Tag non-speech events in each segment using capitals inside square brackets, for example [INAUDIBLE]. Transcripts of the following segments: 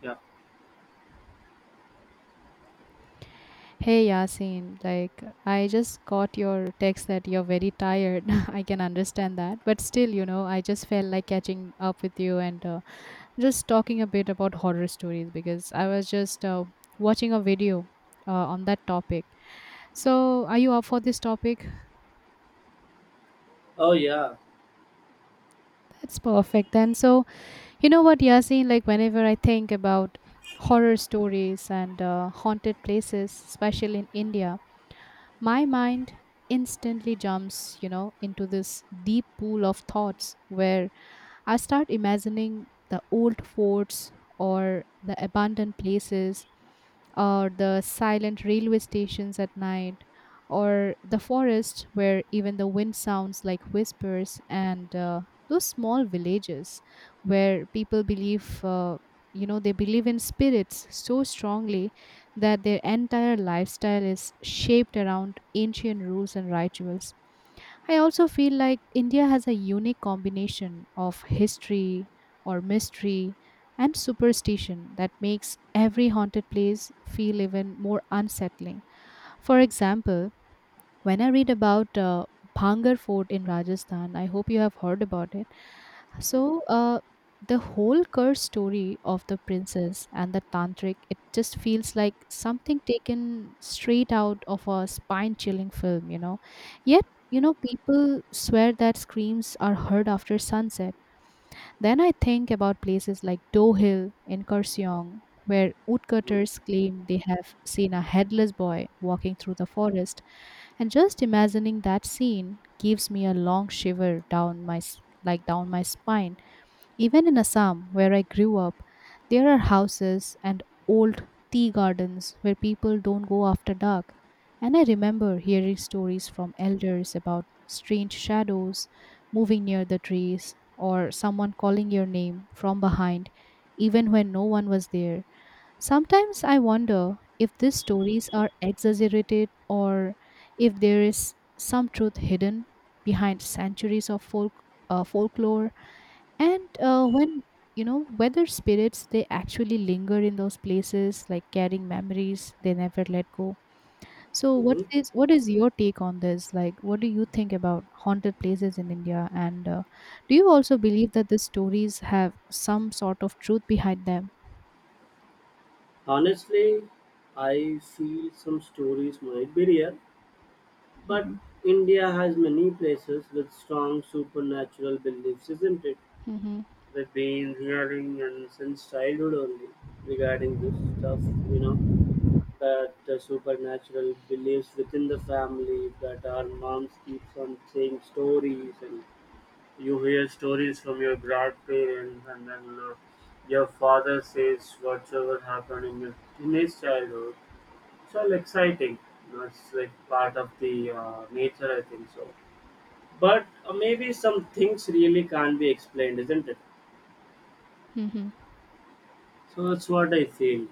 Yeah. Hey Yasin, like I just got your text that you're very tired. [LAUGHS] I can understand that, but still, you know, I just felt like catching up with you and just talking a bit about horror stories because I was just watching a video on that topic. So, are you up for this topic? Oh, yeah. That's perfect. Then, so you know what, Yasin, like whenever I think about horror stories and haunted places, especially in India, my mind instantly jumps, you know, into this deep pool of thoughts where I start imagining the old forts or the abandoned places or the silent railway stations at night or the forest where even the wind sounds like whispers, and those small villages where people believe, you know, they believe in spirits so strongly that their entire lifestyle is shaped around ancient rules and rituals. I also feel like India has a unique combination of history or mystery and superstition that makes every haunted place feel even more unsettling. For example, when I read about Bhangar Fort in Rajasthan, I hope you have heard about it. So, the whole curse story of the princess and the tantric, it just feels like something taken straight out of a spine chilling film, you know. Yet, you know, people swear that screams are heard after sunset. Then I think about places like Do Hill in Kurseong, where woodcutters claim they have seen a headless boy walking through the forest. And just imagining that scene gives me a long shiver down my s- like down my spine. Even in Assam, where I grew up, there are houses and old tea gardens where people don't go after dark. And I remember hearing stories from elders about strange shadows moving near the trees or someone calling your name from behind even when no one was there. Sometimes I wonder if these stories are exaggerated or if there is some truth hidden behind centuries of folklore, and when you know whether spirits, they actually linger in those places, like carrying memories they never let go. So Mm-hmm. What is your take on this, like what do you think about haunted places in India, and do you also believe that the stories have some sort of truth behind them? Honestly, I feel some stories might be real, but Hmm. India has many places with strong supernatural beliefs, isn't it? Hmm. We've been hearing and since childhood only regarding this stuff, you know, that the supernatural beliefs within the family, that our moms keeps on saying stories, and you hear stories from your grandparents, and then your father says whatever happened in your teenage childhood. It's all exciting. You know, it's like part of the nature, I think so. But maybe some things really can't be explained, isn't it? Hmm. So that's what I feel.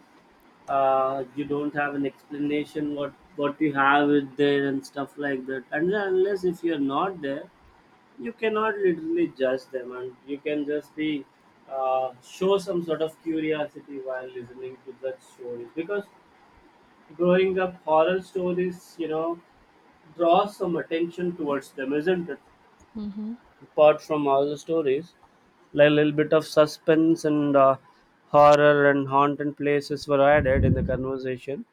You don't have an explanation, what you have it there and stuff like that, and unless if you're not there you cannot literally judge them, and you can just be show some sort of curiosity while listening to that stories, because growing up horror stories draw some attention towards them, isn't it? Mm-hmm. Apart from other stories, like a little bit of suspense and horror and haunted places were added in the conversation.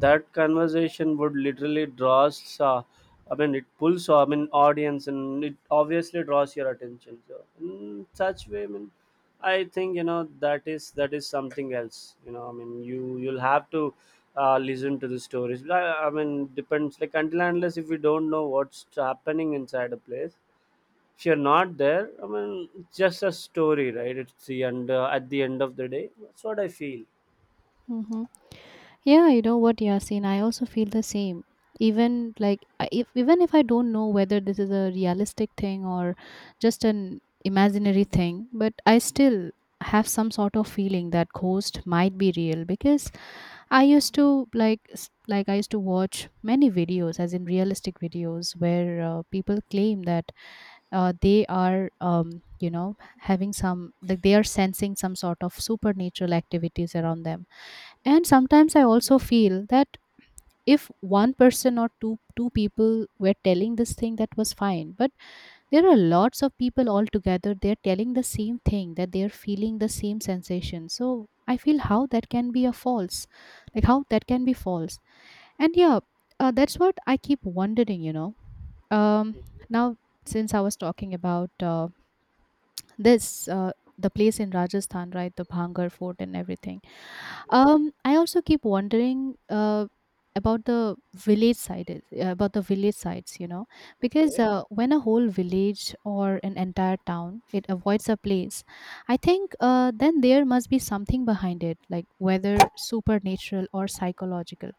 That conversation would literally draws, I mean, it pulls, I mean, audience, and it obviously draws your attention. So in such way, I mean, I think that is something else. You know, I mean, you'll have to listen to the stories. But I mean, depends. Like until and unless if you don't know what's happening inside a place, if you're not there, I mean, it's just a story, right? It's the end. At the end of the day, that's what I feel. Mm-hmm. Yeah, you know what, Yasin, I also feel the same. Even like if even if I don't know whether this is a realistic thing or just an imaginary thing, but I still have some sort of feeling that ghost might be real because I used to I used to watch many videos, as in realistic videos, where people claim that they are you know, having some, like they are sensing some sort of supernatural activities around them. And sometimes I also feel that if one person or two people were telling this thing, that was fine, but there are lots of people all together, they're telling the same thing, that they're feeling the same sensation. So I feel how that can be a false, like how that can be false. And yeah, that's what I keep wondering, you know. um now, since I was talking about this the place in Rajasthan, right? The Bhangar Fort and everything. Hmm. I also keep wondering about the village sites, you know, because Okay. When a whole village or an entire town, it avoids a place, I think then there must be something behind it, like whether supernatural or psychological.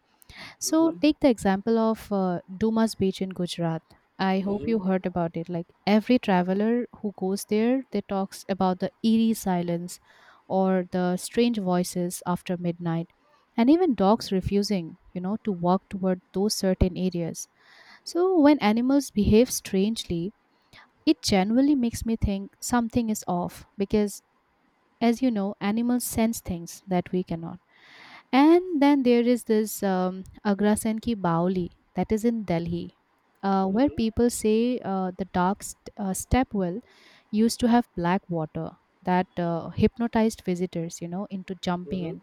So Mm-hmm. take the example of Dumas Beach in Gujarat. I hope Mm-hmm. you heard about it. Like every traveler who goes there, they talks about the eerie silence or the strange voices after midnight and even dogs refusing, you know, to walk toward those certain areas. So when animals behave strangely, it genuinely makes me think something is off because as you know, animals sense things that we cannot. And then there is this Agrasen ki Baoli that is in Delhi, where Mm-hmm. people say, step well used to have black water that hypnotized visitors, you know, into jumping Mm-hmm. in,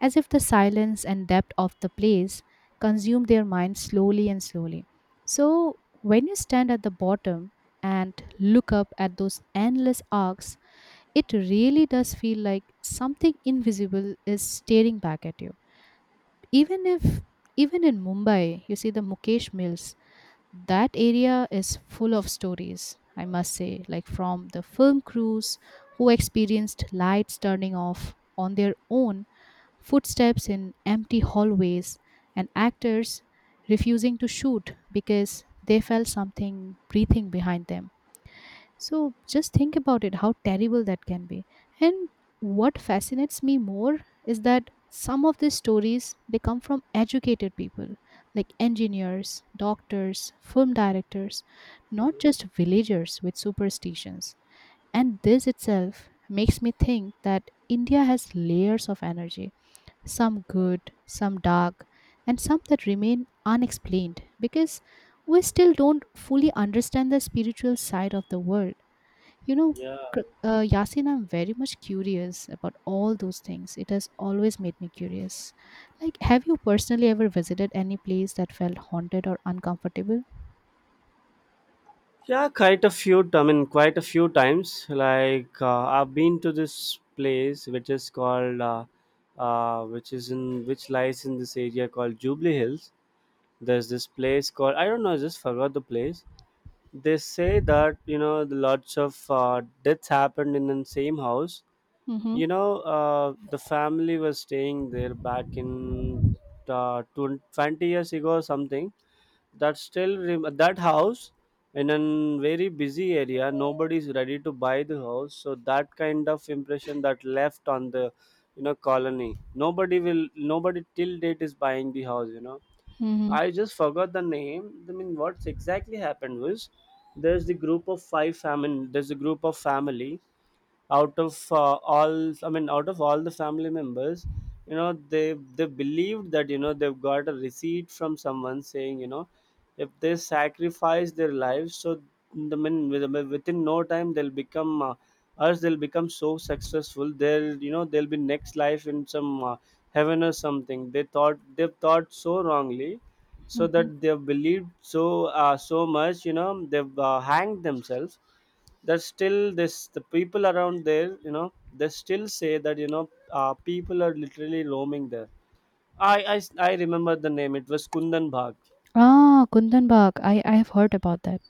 as if the silence and depth of the place consumed their minds slowly and slowly. So when you stand at the bottom and look up at those endless arcs, it really does feel like something invisible is staring back at you. Even if even in Mumbai, you see the Mukesh Mills. That area is full of stories, I must say, like from the film crews who experienced lights turning off on their own, footsteps in empty hallways, and actors refusing to shoot because they felt something breathing behind them. So just think about it, how terrible that can be. And what fascinates me more is that some of these stories, they come from educated people like engineers, doctors, film directors, not Mm-hmm. just villagers with superstitions. And this itself makes me think that India has layers of energy, some good, some dark, and some that remain unexplained because we still don't fully understand the spiritual side of the world. You know, Yeah. Yasin, I'm very much curious about all those things. It has always made me curious. Like, have you personally ever visited any place that felt haunted or uncomfortable? Yeah, quite a few. I mean, quite a few times. Like I've been to this place, which is called, which lies in this area called Jubilee Hills. There's this place called, I don't know, I just forgot the place. They say that the lots of deaths happened in the same house. Mm-hmm. The family was staying there back in 20 years ago or something. That house in a very busy area, nobody's ready to buy the house, so that kind of impression that left on the, colony, nobody till date is buying the house. Mm-hmm. I just forgot the name. I mean, what exactly happened was, there's the group of five family. There's a group of family out of all. I mean, out of all the family members, you know, they believed that they've got a receipt from someone saying, if they sacrifice their lives, so the men within no time they'll become us. They'll become so successful. They'll you know they'll be next life in some heaven or something. They've thought so wrongly, so Mm-hmm. that they've believed so so much, they've hanged themselves. That still, this the people around there, they still say that people are literally roaming there. I, I I remember the name. It was Kundan Bhag. Ah, Kundan Bagh. I have heard about that.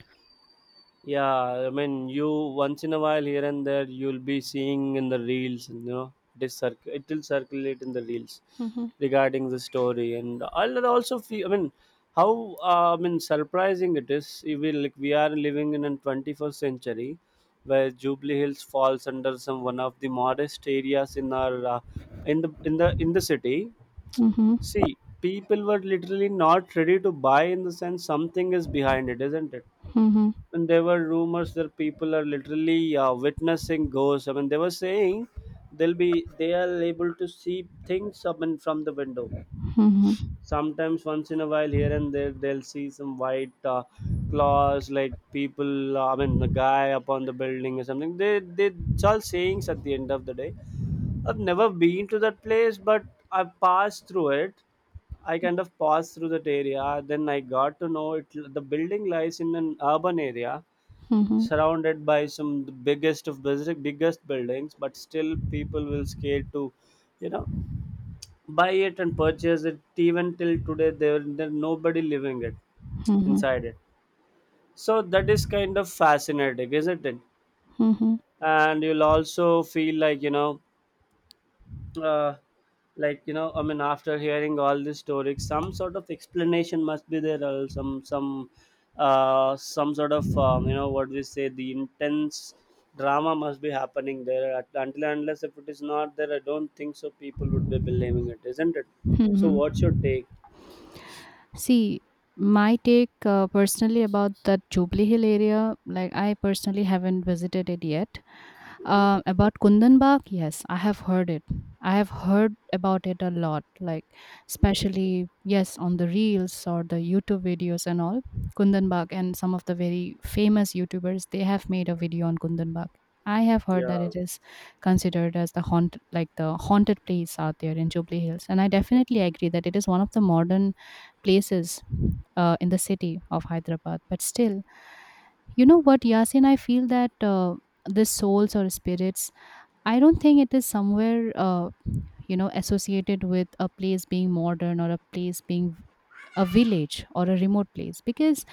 Yeah, I mean, you once in a while here and there you'll be seeing in the reels, and it will circulate in the reels Mm-hmm. regarding the story, and I'll also feel, I mean, how I mean, surprising it is. We are living in a 21st century where Jubilee Hills falls under some one of the modest areas in our in the in the in the city. Mm-hmm. See, people were literally not ready to buy, in the sense something is behind it, isn't it? Mm-hmm. And there were rumors that people are literally witnessing ghosts. I mean, they were saying they are able to see things up and from the window. Mm-hmm. Sometimes, once in a while, here and there, they'll see some white claws, like people. I mean, the guy upon the building or something. They it's all sayings at the end of the day. I've never been to that place, but I passed through it. I kind of passed through that area. Then I got to know it. The building lies in an urban area Mm-hmm. surrounded by some the biggest of basic biggest buildings, but still people will scared to you know buy it and purchase it. Even till today, there nobody living it Mm-hmm. inside it. So that is kind of fascinating, isn't it? Mm-hmm. And you'll also feel like uh, I mean, after hearing all these stories, some sort of explanation must be there, or some sort of, you know what we say, the intense drama must be happening there. Until and unless if it is not there, I don't think so people would be believing it, isn't it? So Mm-hmm. what's your take? See, my take personally about that Jubilee Hill area, like I personally haven't visited it yet. Mhm. About Kundanbag, yes, I have heard it. I have heard about it a lot, like especially yes on the reels or the YouTube videos and all. Kundanbag, and some of the very famous YouTubers, they have made a video on Kundanbag. I have heard Yeah. that it is considered as the haunted, like the haunted place out there in Jubilee Hills, and I definitely agree that it is one of the modern places in the city of Hyderabad. But still, you know what, Yasin, I feel that the souls or spirits, I don't think it is somewhere you know, associated with a place being modern or a place being a village or a remote place, because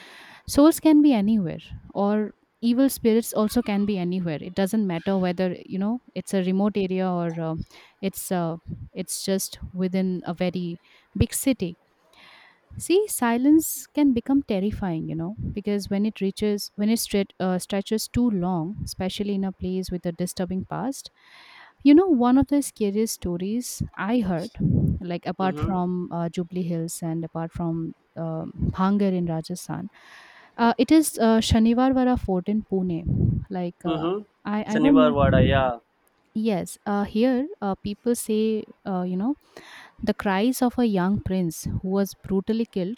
souls can be anywhere or evil spirits also can be anywhere. It doesn't matter whether, you know, it's a remote area or it's uh, it's just within a very big city. See, silence can become terrifying, you know, because when it reaches, stretches too long, especially in a place with a disturbing past, you know, one of the scariest stories I heard, like apart Mm-hmm. from Jubilee Hills and apart from Bhangar in Rajasthan, it is Shanivarvara Fort in Pune. Like, Mm-hmm. I don't Shanivar know. Vada. Yeah. Yes, here people say, you know, the cries of a young prince who was brutally killed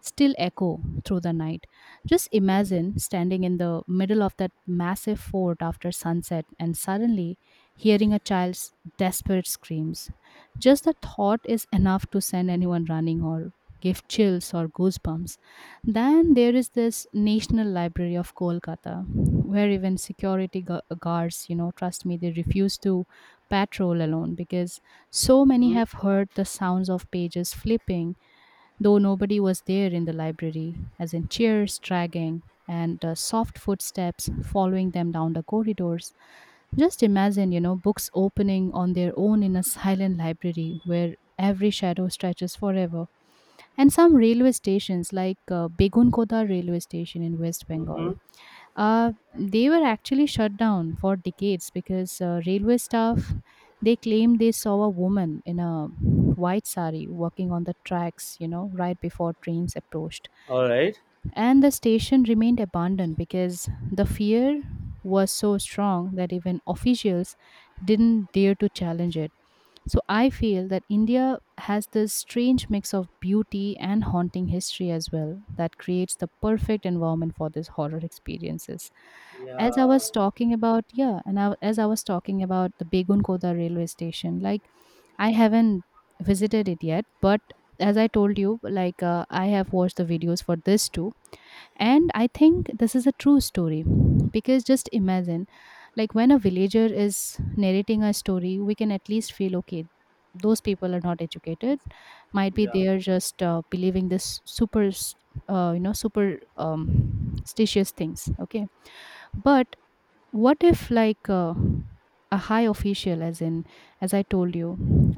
still echo through the night. Just imagine standing in the middle of that massive fort after sunset and suddenly hearing a child's desperate screams. Just the thought is enough to send anyone running or give chills or goosebumps. Then there is this National Library of Kolkata where even security guards, you know, trust me, they refuse to patrol alone because so many Mm-hmm. have heard the sounds of pages flipping, though nobody was there in the library, as in chairs dragging and soft footsteps following them down the corridors. Just imagine, you know, books opening on their own in a silent library where every shadow stretches forever. And some railway stations, like Begunkoda railway station in West Mm-hmm. Bengal, they were actually shut down for decades because railway staff, they claimed they saw a woman in a white sari walking on the tracks, you know, right before trains approached. All right. And the station remained abandoned because the fear was so strong that even officials didn't dare to challenge it. So I feel that India has this strange mix of beauty and haunting history as well that creates the perfect environment for these horror experiences. As I Yeah. was talking about, yeah, and I, as I was talking about the Begunkoda railway station, like I haven't visited it yet, but as I told you, like I have watched the videos for this too, and I think this is a true story because just imagine, like, when a villager is narrating a story, we can at least feel okay, those people are not educated. Might be Yeah. they are just believing this you know, super stitious things. Okay. But what if a high official, as in, as I told you,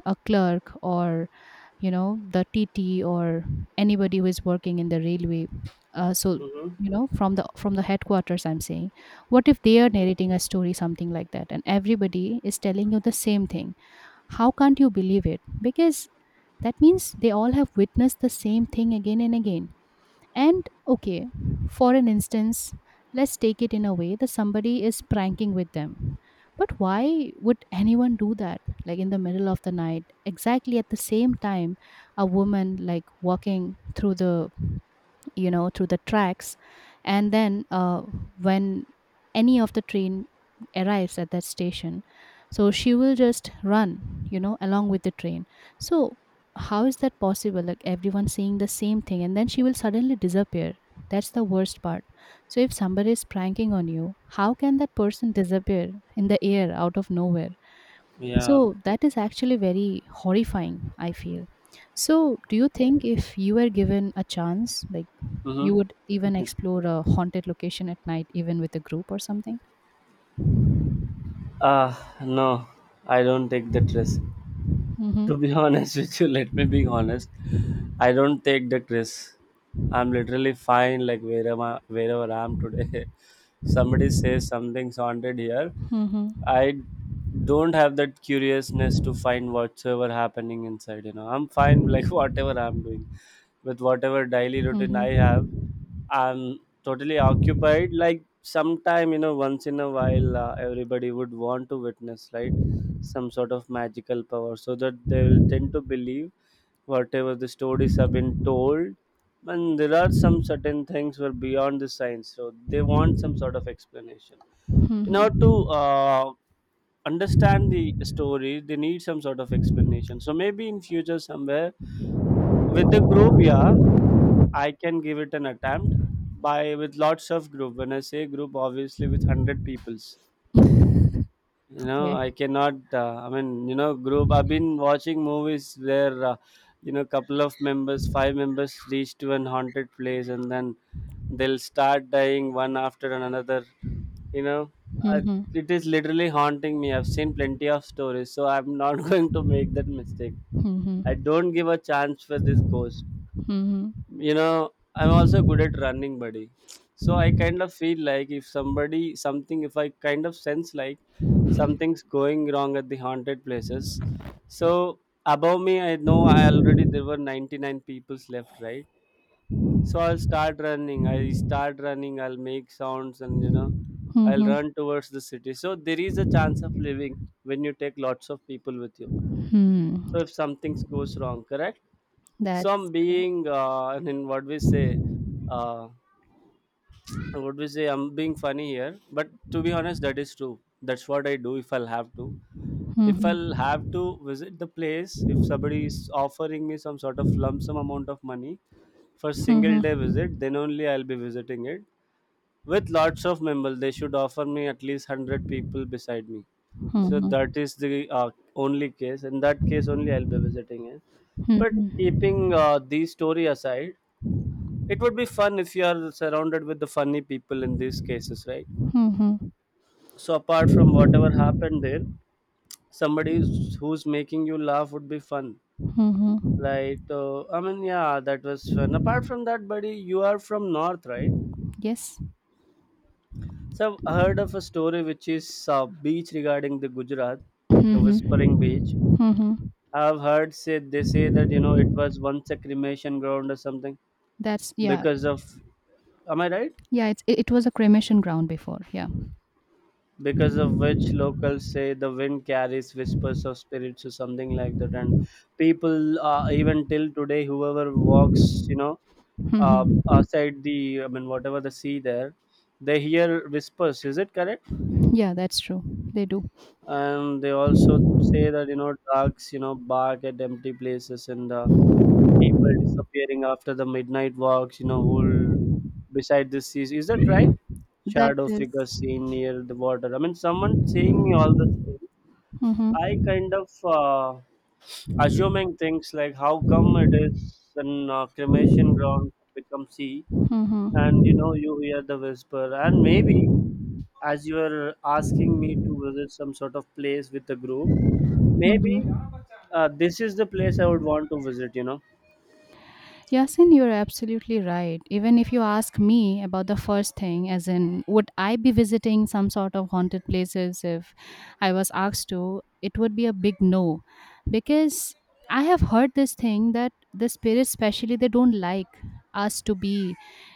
a clerk or, you know, the TT or anybody who is working in the railway, so Mm-hmm. you know, from the headquarters, I'm saying, what if they are narrating a story something like that and everybody is telling you the same thing? How can't you believe it? Because that means they all have witnessed the same thing again and again. And okay, for an instance, let's take it in a way that somebody is pranking with them. But why would anyone do that? Like in the middle of the night, exactly at the same time, a woman like walking through the, you know, through the tracks, and then when any of the train arrives at that station, so she will just run, you know, along with the train. So how is that possible, like everyone seeing the same thing, and then she will suddenly disappear? That's the worst part. So if somebody is pranking on you, how can that person disappear in the air out of nowhere? Yeah. So that is actually very horrifying, I feel. So do you think, if you were given a chance, like, you Mm-hmm. would even explore a haunted location at night, even with a group or something? Uh, no, I don't take that risk. Mhm. To be [LAUGHS] honest with you, let me be honest. I don't take that risk. I'm literally fine, like wherever wherever I am today. [LAUGHS] Somebody says something's haunted here. Mhm. I don't have that curiousness to find whatsoever happening inside. You know, I'm fine, like [LAUGHS] whatever I'm doing, with whatever daily routine I Mhm. have. I'm totally occupied. Like sometime, once in a while, everybody would want to witness, right, some sort of magical power, so that they will tend to believe whatever the stories have been told. And there are some certain things were beyond the science, so they want some sort of explanation. In order to Mhm. Understand the story, they need some sort of explanation. So maybe in future somewhere with the group, yeah, I can give it an attempt by with lots of group. When I say group, obviously with 100 peoples. You know, Okay. I cannot. I mean, group. I've been watching movies where, couple of members, five members, reach to an haunted place, and then they'll start dying one after another. You know, I, Mhm. it is literally haunting me. I've seen plenty of stories, so I'm not [LAUGHS] going to make that mistake. I Mhm. don't give a chance for this ghost. Mhm. You know, I'm also good at running, buddy. So I kind of feel like if somebody, something, if I kind of sense like something's going wrong at the haunted places. So above me, I know I already there were 99 people's left, right? So I'll start running. I start running. I'll make sounds, and I'll Mhm. run towards the city. So there is a chance of living when you take lots of people with you. So Hmm. if something goes wrong, correct? That's Some being [LAUGHS] I mean, uh, what we say I'm being funny here, but to be honest, that is true. That's what I do. If I'll mhm. have to visit the place, if somebody is offering me some sort of lump sum amount of money for single Mhm. day visit, then only I'll be visiting it with lots of members. They should offer me at least 100 people beside me. So that Mhm. is the only case. In that case only I'll be visiting it. But Mhm. keeping the story aside, it would be fun if you are surrounded with the funny people in these cases, right? Mhm. So apart from whatever happened there, somebody who's making you laugh would be fun. Mhm. Like, I mean, yeah, that was fun. Apart from that, buddy, you are from north, right? Yes. So I've heard of a story which is beach regarding the Gujarat, the Mhm. Whispering Beach. Mhm. I've heard said they say that it was once a cremation ground or something, That's yeah. because of. Am I right? Yeah, it's it was a cremation ground before. Yeah. Because of which locals say the wind carries whispers of spirits or something like that, and people even till today whoever walks uh, Mhm. outside the I mean whatever the sea there, they hear whispers, is it correct? Yeah, that's true. They do. And they also say that dogs bark at empty places, and people disappearing after the midnight walks, whole beside the sea, is that right? That Shadow is- figure seen near the water, I mean someone seeing me all the time. Mhm. I kind of assuming things, like how come it is an cremation ground become sea, Mhm. and you hear the whisper, and maybe as you are asking me to visit some sort of place with the group, maybe Mhm. This is the place I would want to visit. You know. Yasin, you're absolutely right. Even if you ask me about the first thing, as in, would I be visiting some sort of haunted places if I was asked to, it would be a big no. Because I have heard this thing that the spirits, especially, they don't like us to be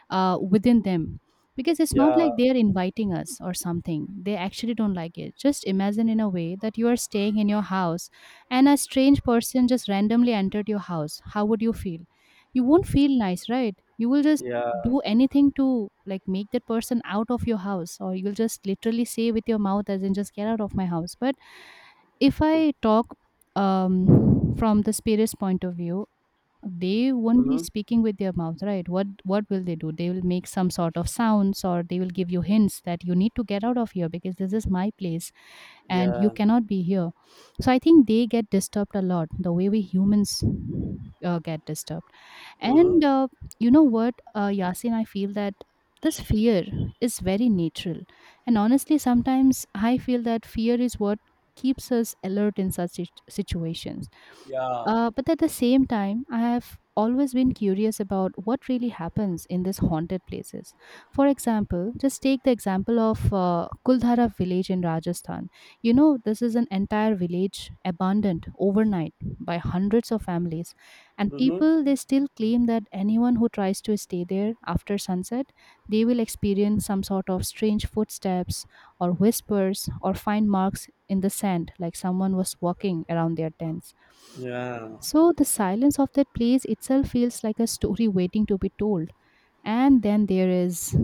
within them. Because it's not Yeah. like they're inviting us or something. They actually don't like it. Just imagine in a way that you are staying in your house and a strange person just randomly entered your house. How would you feel? You won't feel nice, right? You will just Yeah. do anything to like make that person out of your house, or you'll just literally say with your mouth, as in, just get out of my house. But if I talk um from the spirit's point of view, they won't be Mm-hmm. speaking with their mouth, right? What will they do? They will make some sort of sounds, or they will give you hints that you need to get out of here because this is my place and you Yeah. cannot be here. So I think they get disturbed a lot, the way we humans get disturbed. Mm-hmm. And you know what, Yasin, I feel that this fear is very natural. And honestly, sometimes I feel that fear is what keeps us alert in such situations. Yeah. But at the same time, I have always been curious about what really happens in these haunted places. For example, just take the example of Kuldhara village in Rajasthan. You know, this is an entire village abandoned overnight by hundreds of families, and Mm-hmm. people, they still claim that anyone who tries to stay there after sunset, they will experience some sort of strange footsteps or whispers, or find marks in the sand like someone was walking around their tents. Yeah. So the silence of that place itself feels like a story waiting to be told. And then there is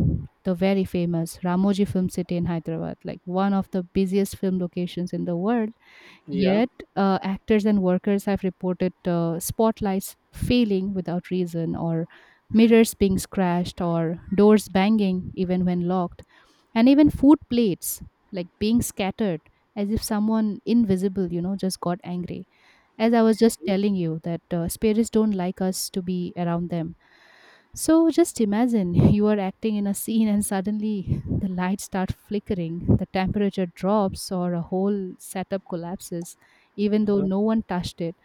the very famous Ramoji Film City in Hyderabad, like one of the busiest film locations in the world. Yeah. Yet, actors and workers have reported spotlights failing without reason, or mirrors being scratched, or doors banging even when locked, and even food plates like being scattered, as if someone invisible, you know, just got angry, as I was just telling you that spirits don't like us to be around them. So just imagine [LAUGHS] you are acting in a scene and suddenly [LAUGHS] the lights start flickering, the temperature drops, or a whole setup collapses, even though Mm-hmm. no one touched it.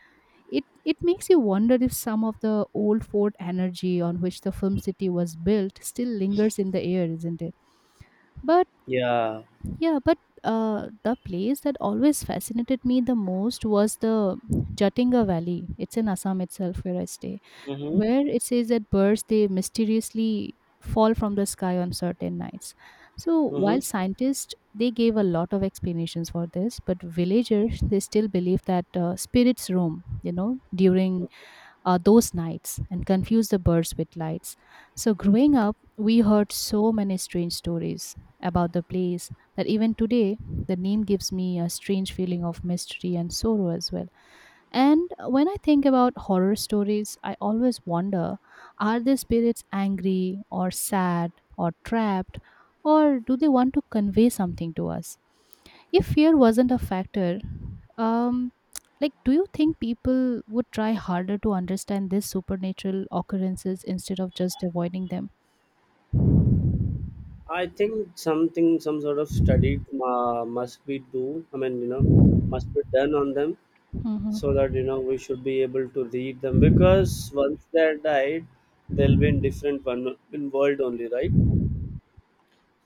It makes you wonder if some of the old fort energy on which the film city was built still lingers in the air, isn't it? But Yeah. yeah, but the place that always fascinated me the most was the Jatinga Valley. It's in Assam itself where I stay, Mm-hmm. where it says that birds, they mysteriously fall from the sky on certain nights. So Mm-hmm. while scientists, they gave a lot of explanations for this, but villagers, they still believe that spirits roam, you know, during those nights and confuse the birds with lights. So, growing up, we heard so many strange stories about the place, that even today, the name gives me a strange feeling of mystery and sorrow as well. And when I think about horror stories, I always wonder, are the spirits angry or sad or trapped, or do they want to convey something to us? If fear wasn't a factor, um, like, do you think people would try harder to understand these supernatural occurrences instead of just avoiding them? I think something, some sort of study must be do. Must be done on them so that Hmm. We should be able to read them because once they're died, they'll be in different one in world only, right?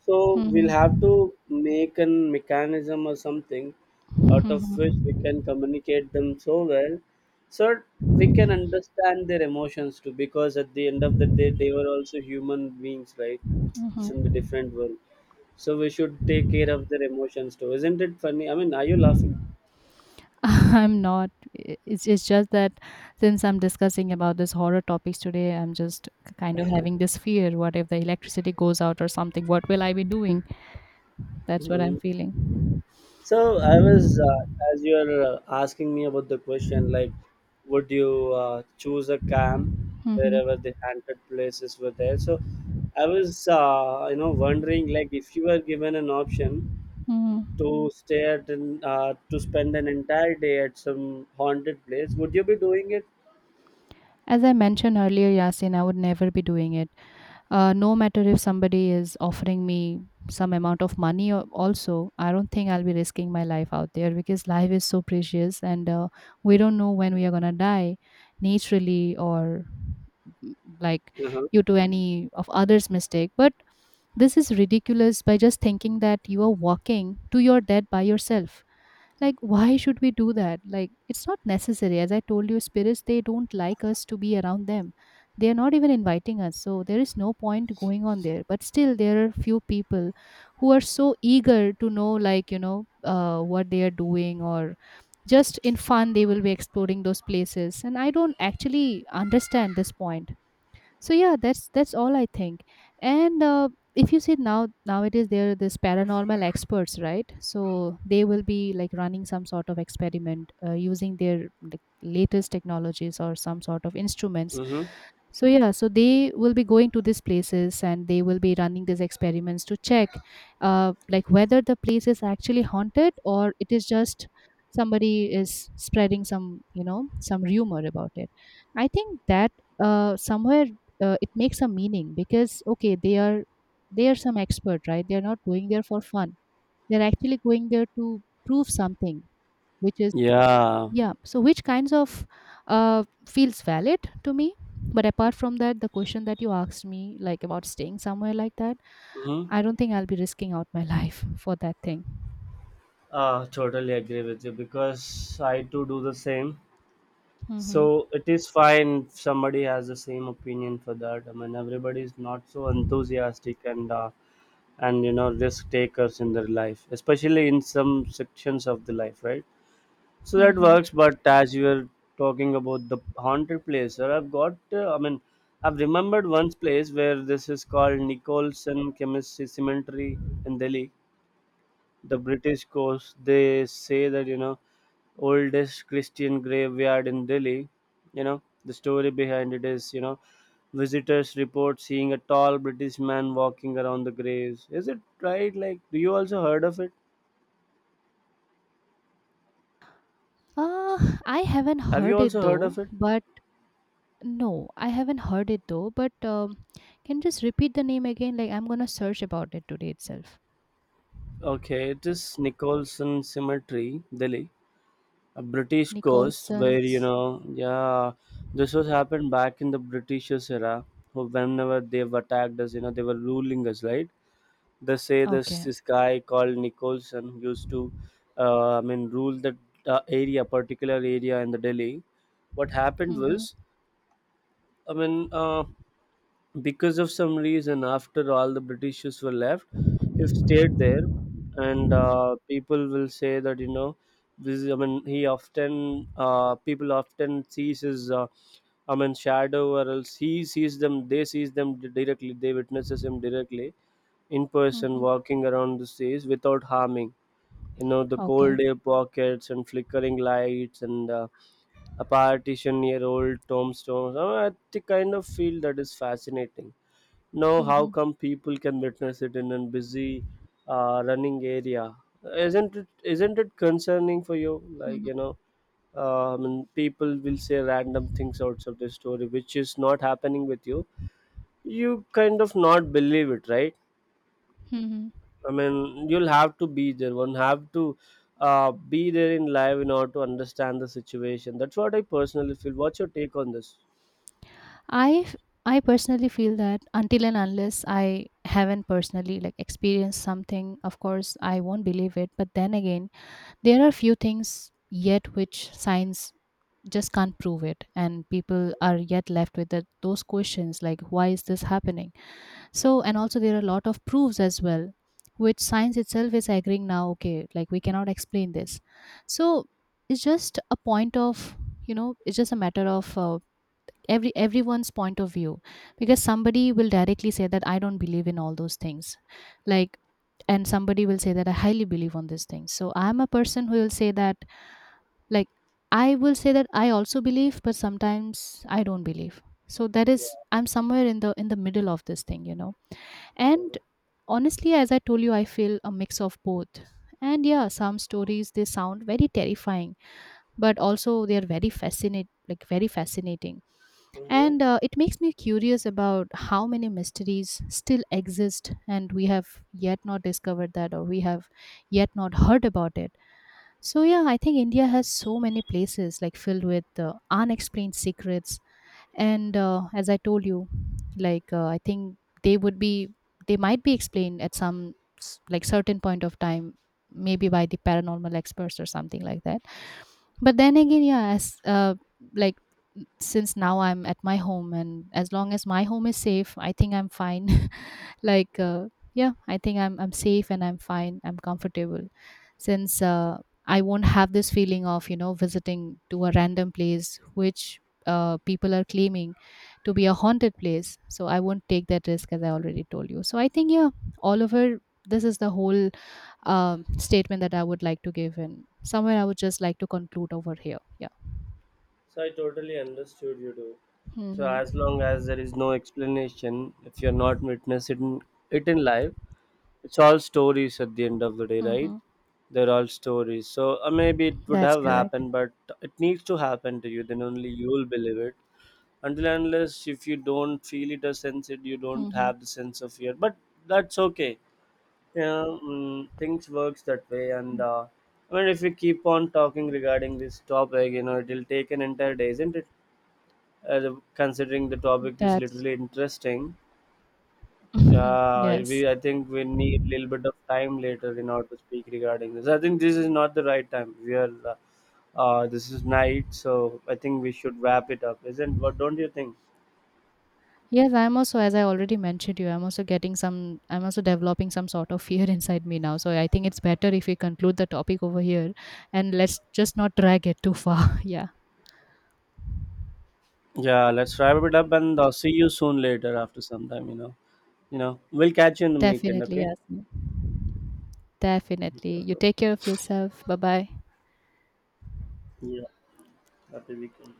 So we'll have Hmm. to make a mechanism or something out of which we Hmm. can communicate them so well, so we can understand their emotions too. Because at the end of the day, they were also human beings, right? It's in the different world so we should take care of their emotions too. Isn't it funny? I mean, are you laughing? [LAUGHS] I'm not. I- it's just that since I'm discussing about this horror topics today, I'm just kind of having this fear. What if the electricity goes out or something? What will I be doing? That's what I'm Hmm. feeling. So I was, as you are asking me about the question, like, would you choose a camp wherever Hmm. the haunted places were there? So I was, wondering like if you were given an option Hmm. to stay at an, to spend an entire day at some haunted place, would you be doing it? As I mentioned earlier, Yasin, I would never be doing it. No matter if somebody is offering me some amount of money, or also I don't think I'll be risking my life out there, because life is so precious, and we don't know when we are going to die naturally or mm, like Uh-huh. due to any of others mistake. But this is ridiculous, by just thinking that you are walking to your death by yourself. Like, why should we do that? Like, it's not necessary. As I told you, spirits, they don't like us to be around them. They are not even inviting us. So, there is no point going on there. But still, there are few people who are so eager to know, like, you know, what they are doing, or just in fun they will be exploring those places. And I don't actually understand this point. So yeah, that's all I think. And if you see now nowadays, there are these paranormal experts, right? So they will be like running some sort of experiment using their like latest technologies or some sort of instruments. Mm-hmm. So yeah, so they will be going to these places and they will be running these experiments to check like whether the place is actually haunted or it is just somebody is spreading some, you know, some rumor about it. I think that somewhere it makes a meaning, because okay, they are some expert, right? They are not going there for fun. They're actually going there to prove something, which is Yeah. yeah. So, which kinds of feels valid to me. But apart from that, the question that you asked me, like about staying somewhere like that, Mm-hmm. I don't think I'll be risking out my [LAUGHS] life for that thing. Totally agree with you because I too do the same. Mm-hmm. So it is fine if somebody has the same opinion for that. I mean, everybody is not so enthusiastic and risk takers in their life, especially in some sections of the life, right? So that Mm-hmm. works. But as you were talking about the haunted place, sir, I've got. I mean, I've remembered one place where this is called Nicholson Chemistry Cemetery in Delhi, the British coast, they say that, oldest Christian graveyard in Delhi. You know the story behind it is, visitors report seeing a tall British man walking around the graves. Is it right? Like, do you also heard of it? Uh, I haven't Have you heard it also heard though, of it? but no, I haven't heard it though. But can you just repeat the name again? Like, I'm gonna search about it today itself. Okay, it is Nicholson Cemetery, Delhi, a British coast where you Nicholson's. know, yeah, this was happened back in the Britishers era. Who Whenever they've attacked us, you know, they were ruling us, right? They say this Okay. this guy called Nicholson used to, I mean, rule that area, particular area in the Delhi. What happened Mm-hmm. was, I mean, because of some reason, after all the Britishers were left, he stayed there, and people will say that, I mean, he often, people often sees his. I mean, shadow or else he sees them, they sees them directly, they witnesses him directly in person Mm-hmm. walking around the stage without harming, you know, the Okay. cold air pockets and flickering lights and a partition near old tombstones. Oh, I think kind of feel that is fascinating. Now how Mm-hmm. come people can witness it in a busy running area? Isn't it? Isn't it concerning for you? Like, you know, I mean, people will say random things outside the story which is not happening with you. You kind of not believe it, right? Mm-hmm. I mean, you'll have to be there. One have to be there in live in order to understand the situation. That's what I personally feel. What's your take on this? I I personally feel that until and unless I haven't personally like experienced something, of course I won't believe it. But then again, there are few things yet which science just can't prove it, and people are yet left with that those questions like why is this happening? So and also there are a lot of proofs as well, which science itself is agreeing now. Okay, like we cannot explain this, so it's just a point of, you know, it's just a matter of everyone's point of view. Because somebody will directly say that I don't believe in all those things, like, and somebody will say that I highly believe on these things. So I'm a person who will say that, like, I will say that I also believe, but sometimes I don't believe. So that is, I'm somewhere in the middle of this thing, you know. And honestly, as I told you, I feel a mix of both. And yeah, some stories, they sound very terrifying, but also they are very fascinate like very fascinating. Mm-hmm. And it makes me curious about how many mysteries still exist and we have yet not discovered that, or we have yet not heard about it. So, yeah, I think India has so many places like filled with unexplained secrets. And as I told you, like, I think they would be, they might be explained at some like certain point of time, maybe by the paranormal experts or something like that. But then again, yeah, as like, since now I'm at my home, and as long as my home is safe, I think I'm fine. [LAUGHS] Like yeah, I think I'm safe and I'm fine, I'm comfortable. Since I won't have this feeling of, you know, visiting to a random place which people are claiming to be a haunted place. So I won't take that risk, as I already told you. So I think yeah, all over, this is the whole statement that I would like to give, and somewhere I would just like to conclude over here. Yeah. So I totally understood you do. So Hmm. as long as there is no explanation, if you're not witnessing it in live, it's all stories at the end of the day, right? Hmm. They're all stories. So maybe it would That's have correct. happened, but it needs to happen to you. Then only you will believe it until and unless if you don't feel it or sense it. You don't Hmm. have the sense of fear but that's okay. Yeah. Things works that way and I mean, if we keep on talking regarding this topic, you know, it'll take an entire day, isn't it? Considering the topic is That's literally interesting, [LAUGHS] uh, we, yes. I think we need a little bit of time later in order to speak regarding this. I think this is not the right time. We are this is night so I think we should wrap it up. Isn't what don't you think? Yes, I'm also, as I already mentioned you, I'm also getting some, I'm also developing some sort of fear [LAUGHS] inside me now. So I think it's better if we conclude the topic over here and let's just not drag it too far. [LAUGHS] Yeah, Yeah, let's wrap it up and I'll see you soon later after some time, you know. You know, we'll catch you in the weekend, definitely. okay? Yes, definitely. You take care of yourself. Bye bye. Yeah, happy weekend.